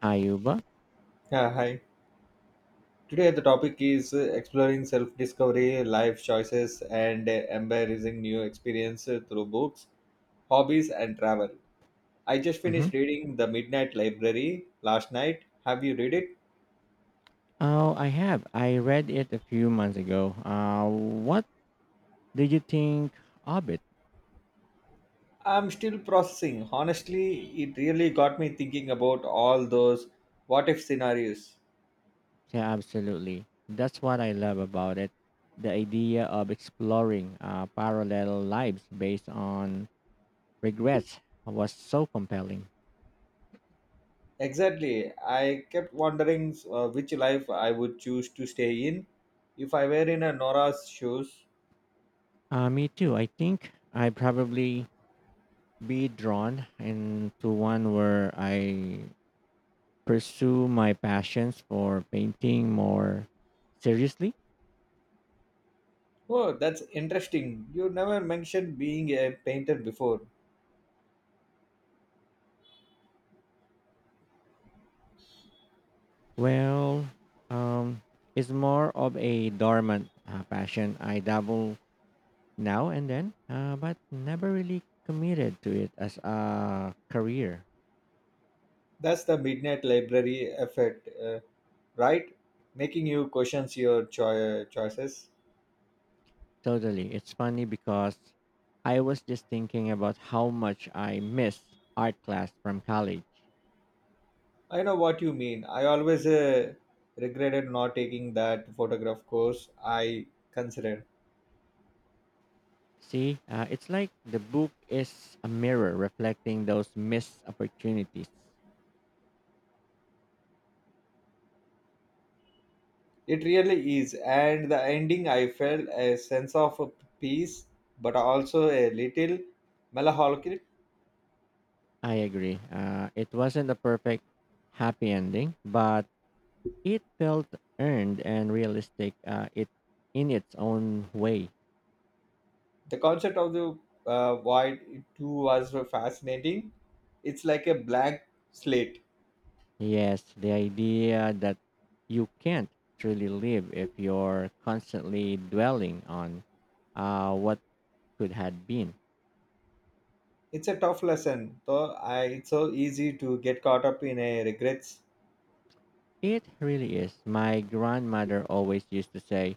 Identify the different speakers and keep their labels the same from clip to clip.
Speaker 1: Ayuba?
Speaker 2: Yeah, hi. Today the topic is exploring self-discovery, life choices, and embracing new experience through books, hobbies, and travel. I just
Speaker 1: hmm
Speaker 2: finished reading The Midnight Library last night. Have you read it?
Speaker 1: Oh, I have. I read it a few months ago. What did you think of it?
Speaker 2: I'm still processing. Honestly, it really got me thinking about all those what-if scenarios.
Speaker 1: Yeah, absolutely. That's what I love about it. The idea of exploring parallel lives based on regrets was so compelling.
Speaker 2: Exactly. I kept wondering which life I would choose to stay in if I were in a Nora's shoes.
Speaker 1: Me too. I think I probably be drawn into one where I pursue my passions for painting more seriously.
Speaker 2: Oh, that's interesting. You never mentioned being a painter before.
Speaker 1: Well, um, it's more of a dormant passion. I dabble now and then, but never really committed to it as a career.
Speaker 2: That's the Midnight Library effect, right? Making you question your choices.
Speaker 1: Totally. It's funny because I was just thinking about how much I miss art class from college.
Speaker 2: I know what you mean. I always regretted not taking that photograph course I considered.
Speaker 1: See, it's like the book is a mirror reflecting those missed opportunities.
Speaker 2: It really is. And the ending, I felt a sense of peace, but also a little melancholic.
Speaker 1: I agree. It wasn't a perfect happy ending, but it felt earned and realistic it in its own way.
Speaker 2: The concept of the void too was fascinating. It's like a blank slate.
Speaker 1: Yes, the idea that you can't truly live if you're constantly dwelling on what could have been.
Speaker 2: It's a tough lesson, though. I, it's so easy to get caught up in a regrets.
Speaker 1: It really is. My grandmother always used to say,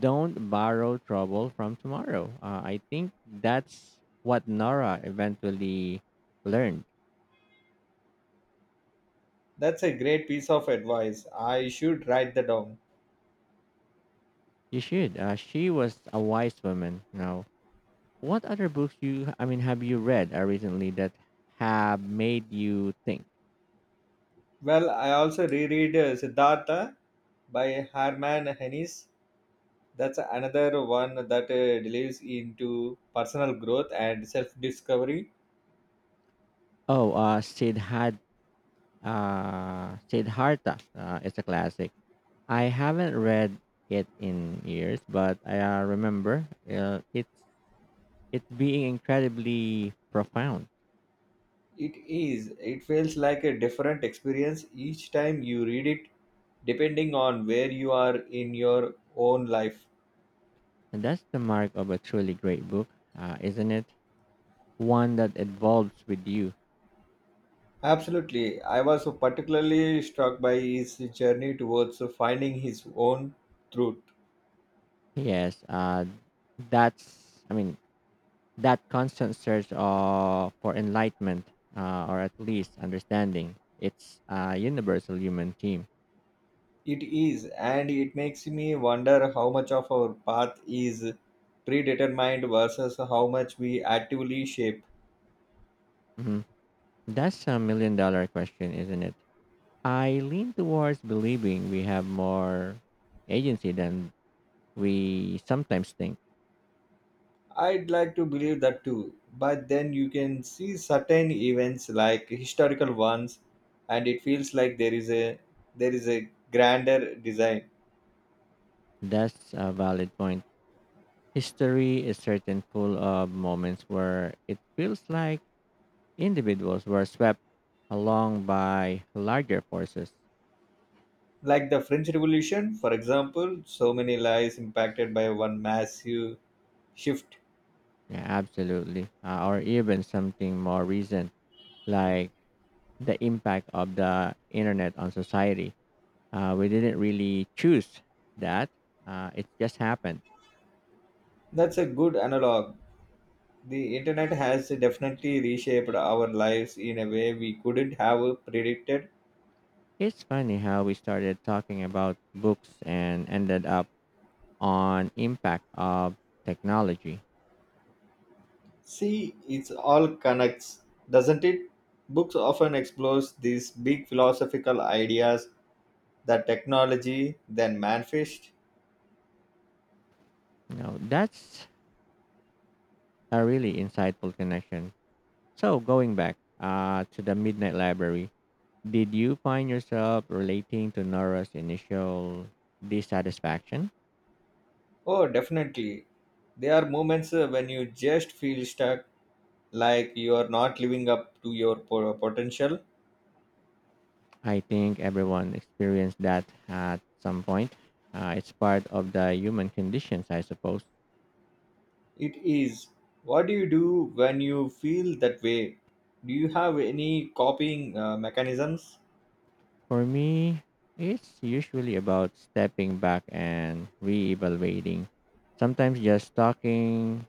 Speaker 1: don't borrow trouble from tomorrow. I think that's what Nora eventually learned.
Speaker 2: That's a great piece of advice. I should write that down.
Speaker 1: You should. She was a wise woman, you know. What other books you I mean have you read recently that have made you think?
Speaker 2: Well, I also reread Siddhartha by Herman Hesse. That's another one that delves into personal growth and self-discovery.
Speaker 1: Oh, Siddhartha is a classic. I haven't read it in years, but I remember uh, it's it's being incredibly profound.
Speaker 2: It is. It feels like a different experience each time you read it depending on where you are in your own life.
Speaker 1: And that's the mark of a truly great book, isn't it? One that evolves with you.
Speaker 2: Absolutely. I was so particularly struck by his journey towards finding his own truth.
Speaker 1: Yes, that's, that constant search for enlightenment, or at least understanding, it's a universal human theme.
Speaker 2: It is, and it makes me wonder how much of our path is predetermined versus how much we actively shape.
Speaker 1: hmm that's a million dollar question, isn't it? I lean towards believing we have more agency than we sometimes think.
Speaker 2: I'd like to believe that too, but then you can see certain events like historical ones, and it feels like there is a grander design
Speaker 1: That's a valid point. History is certain full of moments where it feels like individuals were swept along by larger forces.
Speaker 2: like the French Revolution, for example. So many lives impacted by one massive shift.
Speaker 1: Yeah, absolutely. Or even something more recent, like the impact of the internet on society. We didn't really choose that, it just happened.
Speaker 2: That's a good analog. The internet has definitely reshaped our lives in a way we couldn't have predicted.
Speaker 1: It's funny how we started talking about books and ended up on impact of technology.
Speaker 2: See, it's all connects, doesn't it? Books often explores these big philosophical ideas that technology then manifest.
Speaker 1: You know, that's a really insightful connection. So going back to the Midnight Library, did you find yourself relating to Nora's initial dissatisfaction?
Speaker 2: Oh, definitely. There are moments when you just feel stuck, like you are not living up to your potential.
Speaker 1: I think everyone experienced that at some point. It's part of the human conditions, I suppose.
Speaker 2: It is. What do you do when you feel that way? Do you have any coping mechanisms?
Speaker 1: For me, it's usually about stepping back and reevaluating. Sometimes just talking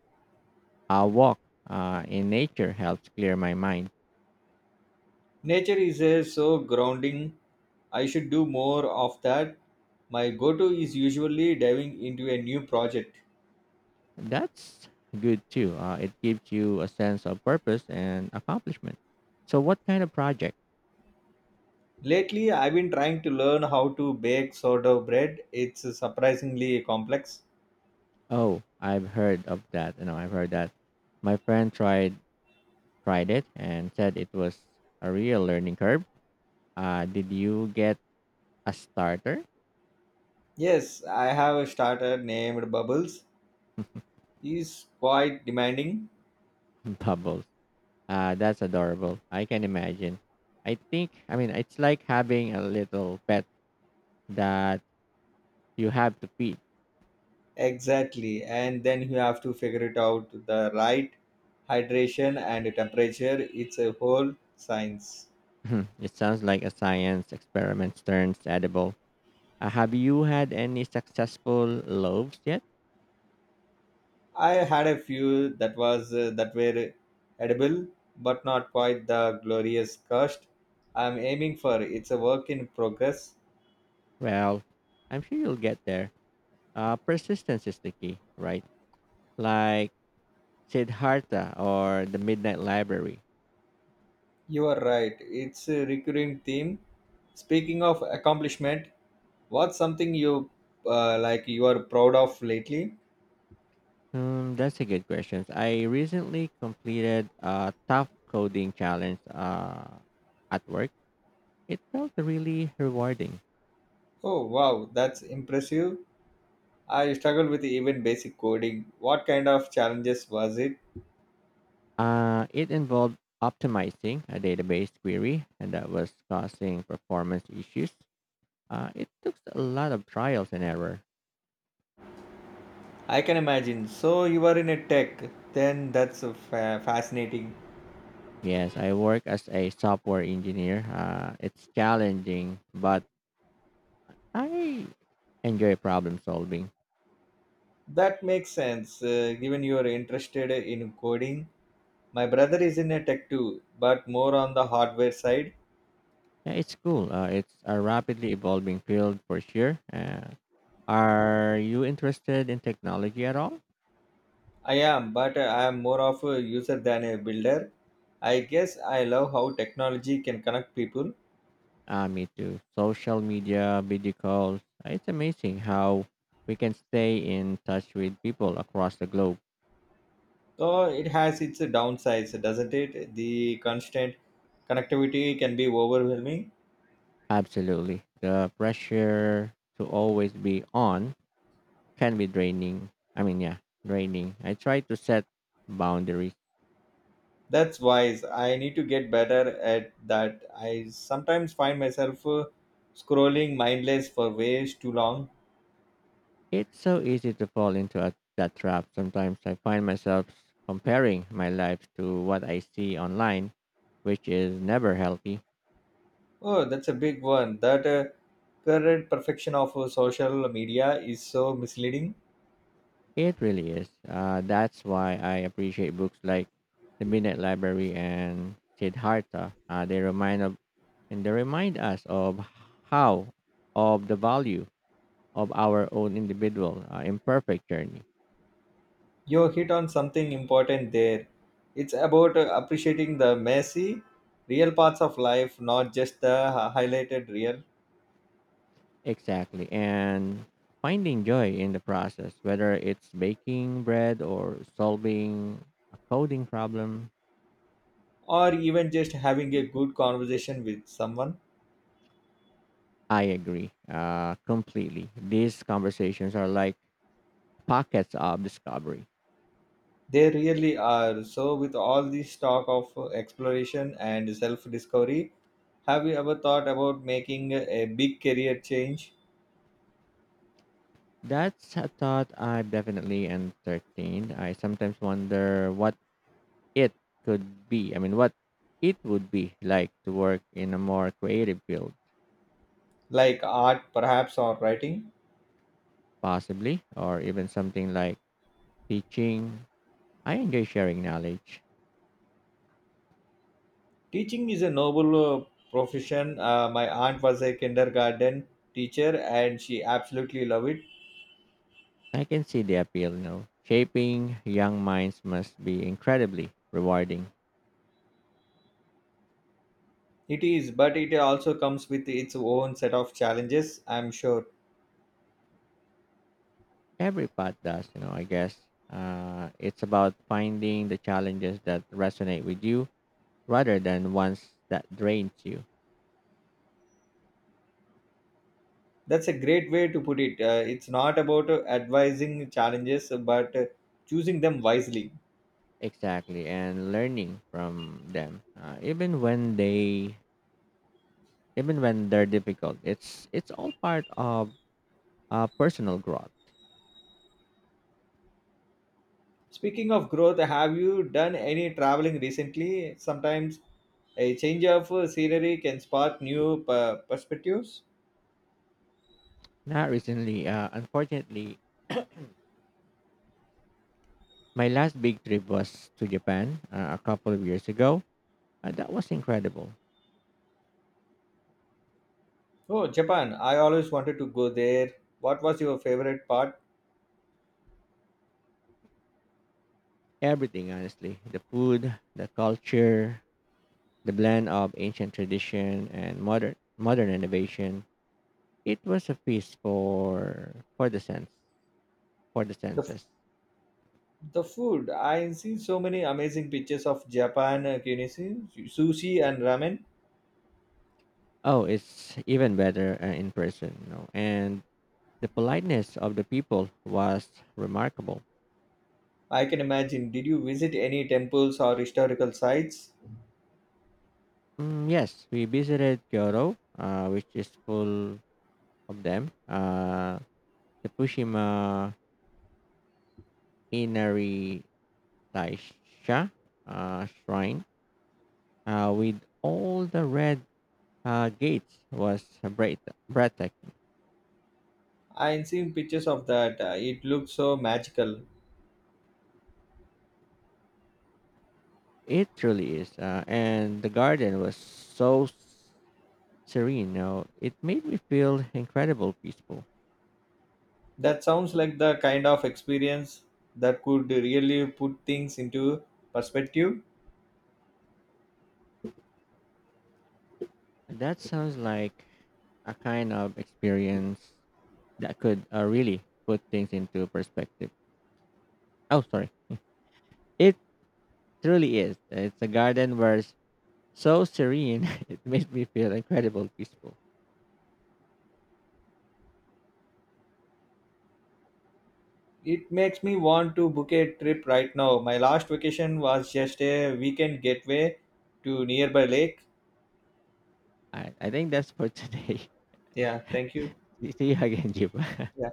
Speaker 1: a walk in nature helps clear my mind.
Speaker 2: Nature is a, so grounding. I should do more of that. My go to is usually diving into a new project.
Speaker 1: That's good too. It gives you a sense of purpose and accomplishment. So, what kind of project?
Speaker 2: Lately, I've been trying to learn how to bake sourdough bread. It's surprisingly complex.
Speaker 1: Oh, I've heard of that. You know, I've heard that. My friend tried it and said it was a real learning curve. Did you get a starter?
Speaker 2: Yes, I have a starter named Bubbles. He's quite demanding.
Speaker 1: Bubbles. That's adorable. I can imagine. I think it's like having a little pet that you have to feed.
Speaker 2: Exactly. And then you have to figure it out the right hydration and temperature. It's a whole science.
Speaker 1: It sounds like a science experiment turns edible. Have you had any successful loaves yet?
Speaker 2: I had a few that was that were edible but not quite the glorious cost I'm aiming for. It's a work in progress.
Speaker 1: Well, I'm sure you'll get there. Persistence is the key, right? Like Siddhartha or the Midnight Library.
Speaker 2: You are right. It's a recurring theme. Speaking of accomplishment, what's something you like you are proud of lately?
Speaker 1: That's a good question. I recently completed a tough coding challenge at work. It felt really rewarding.
Speaker 2: Oh wow, that's impressive. I struggled with even basic coding. What kind of challenges was it?
Speaker 1: It involved optimizing a database query and that was causing performance issues. It took a lot of trials and error.
Speaker 2: I can imagine. So you are in a tech, then that's a fascinating.
Speaker 1: Yes, I work as a software engineer. It's challenging, but I enjoy problem solving.
Speaker 2: That makes sense, given you are interested in coding. My brother is in a tech too, but more on the hardware side.
Speaker 1: Yeah, it's cool. It's a rapidly evolving field for sure. Are you interested in technology at all?
Speaker 2: I am, but I am more of a user than a builder. I guess I love how technology can connect people.
Speaker 1: Me too. Social media, video calls. It's amazing how we can stay in touch with people across the globe.
Speaker 2: Though it has its downsides, doesn't it? The constant connectivity can be overwhelming.
Speaker 1: Absolutely. The pressure to always be on can be draining. I mean, yeah, draining. I try to set boundaries.
Speaker 2: That's wise. I need to get better at that. I sometimes find myself scrolling mindless for way too long.
Speaker 1: It's so easy to fall into that trap. Sometimes I find myself comparing my life to what I see online, which is never healthy.
Speaker 2: Oh, that's a big one. That current perfection of social media is so misleading.
Speaker 1: It really is. That's why I appreciate books like The Midnight Library and Siddhartha. They remind us of how of the value of our own individual imperfect journey.
Speaker 2: You hit on something important there. It's about appreciating the messy, real parts of life, not just the highlighted real,
Speaker 1: Exactly, and finding joy in the process, whether it's baking bread or solving a coding problem.
Speaker 2: or even just having a good conversation with someone.
Speaker 1: I agree completely. These conversations are like pockets of discovery.
Speaker 2: They really are. So, with all this talk of exploration and self discovery, have you ever thought about making a big career change,
Speaker 1: That's a thought I've definitely entertained. I sometimes wonder what it could be. I mean, what it would be like to work in a more creative field,
Speaker 2: like art perhaps, or writing?
Speaker 1: possibly, or even something like teaching. I enjoy sharing knowledge.
Speaker 2: Teaching is a noble profession. My aunt was a kindergarten teacher and she absolutely loved it.
Speaker 1: I can see the appeal, you know. Shaping young minds must be incredibly rewarding.
Speaker 2: It is, but it also comes with its own set of challenges, I'm sure.
Speaker 1: Every path does, you know, I guess. It's about finding the challenges that resonate with you rather than ones that drains you.
Speaker 2: That's a great way to put it. It's not about advising challenges, but choosing them wisely.
Speaker 1: Exactly, and learning from them, even when they're difficult, it's all part of personal growth.
Speaker 2: Speaking of growth, have you done any traveling recently? Sometimes a change of scenery can spark new perspectives.
Speaker 1: Now, recently, unfortunately, my last big trip was to Japan a couple of years ago. That was incredible.
Speaker 2: Oh, Japan! I always wanted to go there. What was your favorite part?
Speaker 1: Everything, honestly, the food, the culture, the blend of ancient tradition and modern innovation. It was a feast for the
Speaker 2: The f-
Speaker 1: senses.
Speaker 2: the food. I see so many amazing pictures of Japan cuisine, sushi and ramen.
Speaker 1: Oh, it's even better in person, you know. And the politeness of the people was remarkable.
Speaker 2: I can imagine. Did you visit any temples or historical sites?
Speaker 1: Mm, yes, we visited Kyoto, which is full of them. The Pushima Inari Taisha shrine with all the red gates was breathtaking.
Speaker 2: I seen pictures of that. It looks so magical.
Speaker 1: It truly is. And the garden was so serene. You know, it made me feel incredible peaceful.
Speaker 2: That sounds like the kind of experience that could really put things into perspective.
Speaker 1: That sounds like a kind of experience that could really put things into perspective. Oh, sorry. It truly is. It's a garden where it's so serene, it made me feel incredible peaceful.
Speaker 2: It makes me want to book a trip right now. My last vacation was just a weekend getaway to nearby lake.
Speaker 1: I think that's for today.
Speaker 2: Yeah, thank you.
Speaker 1: See you again, Jiba.
Speaker 2: Yeah.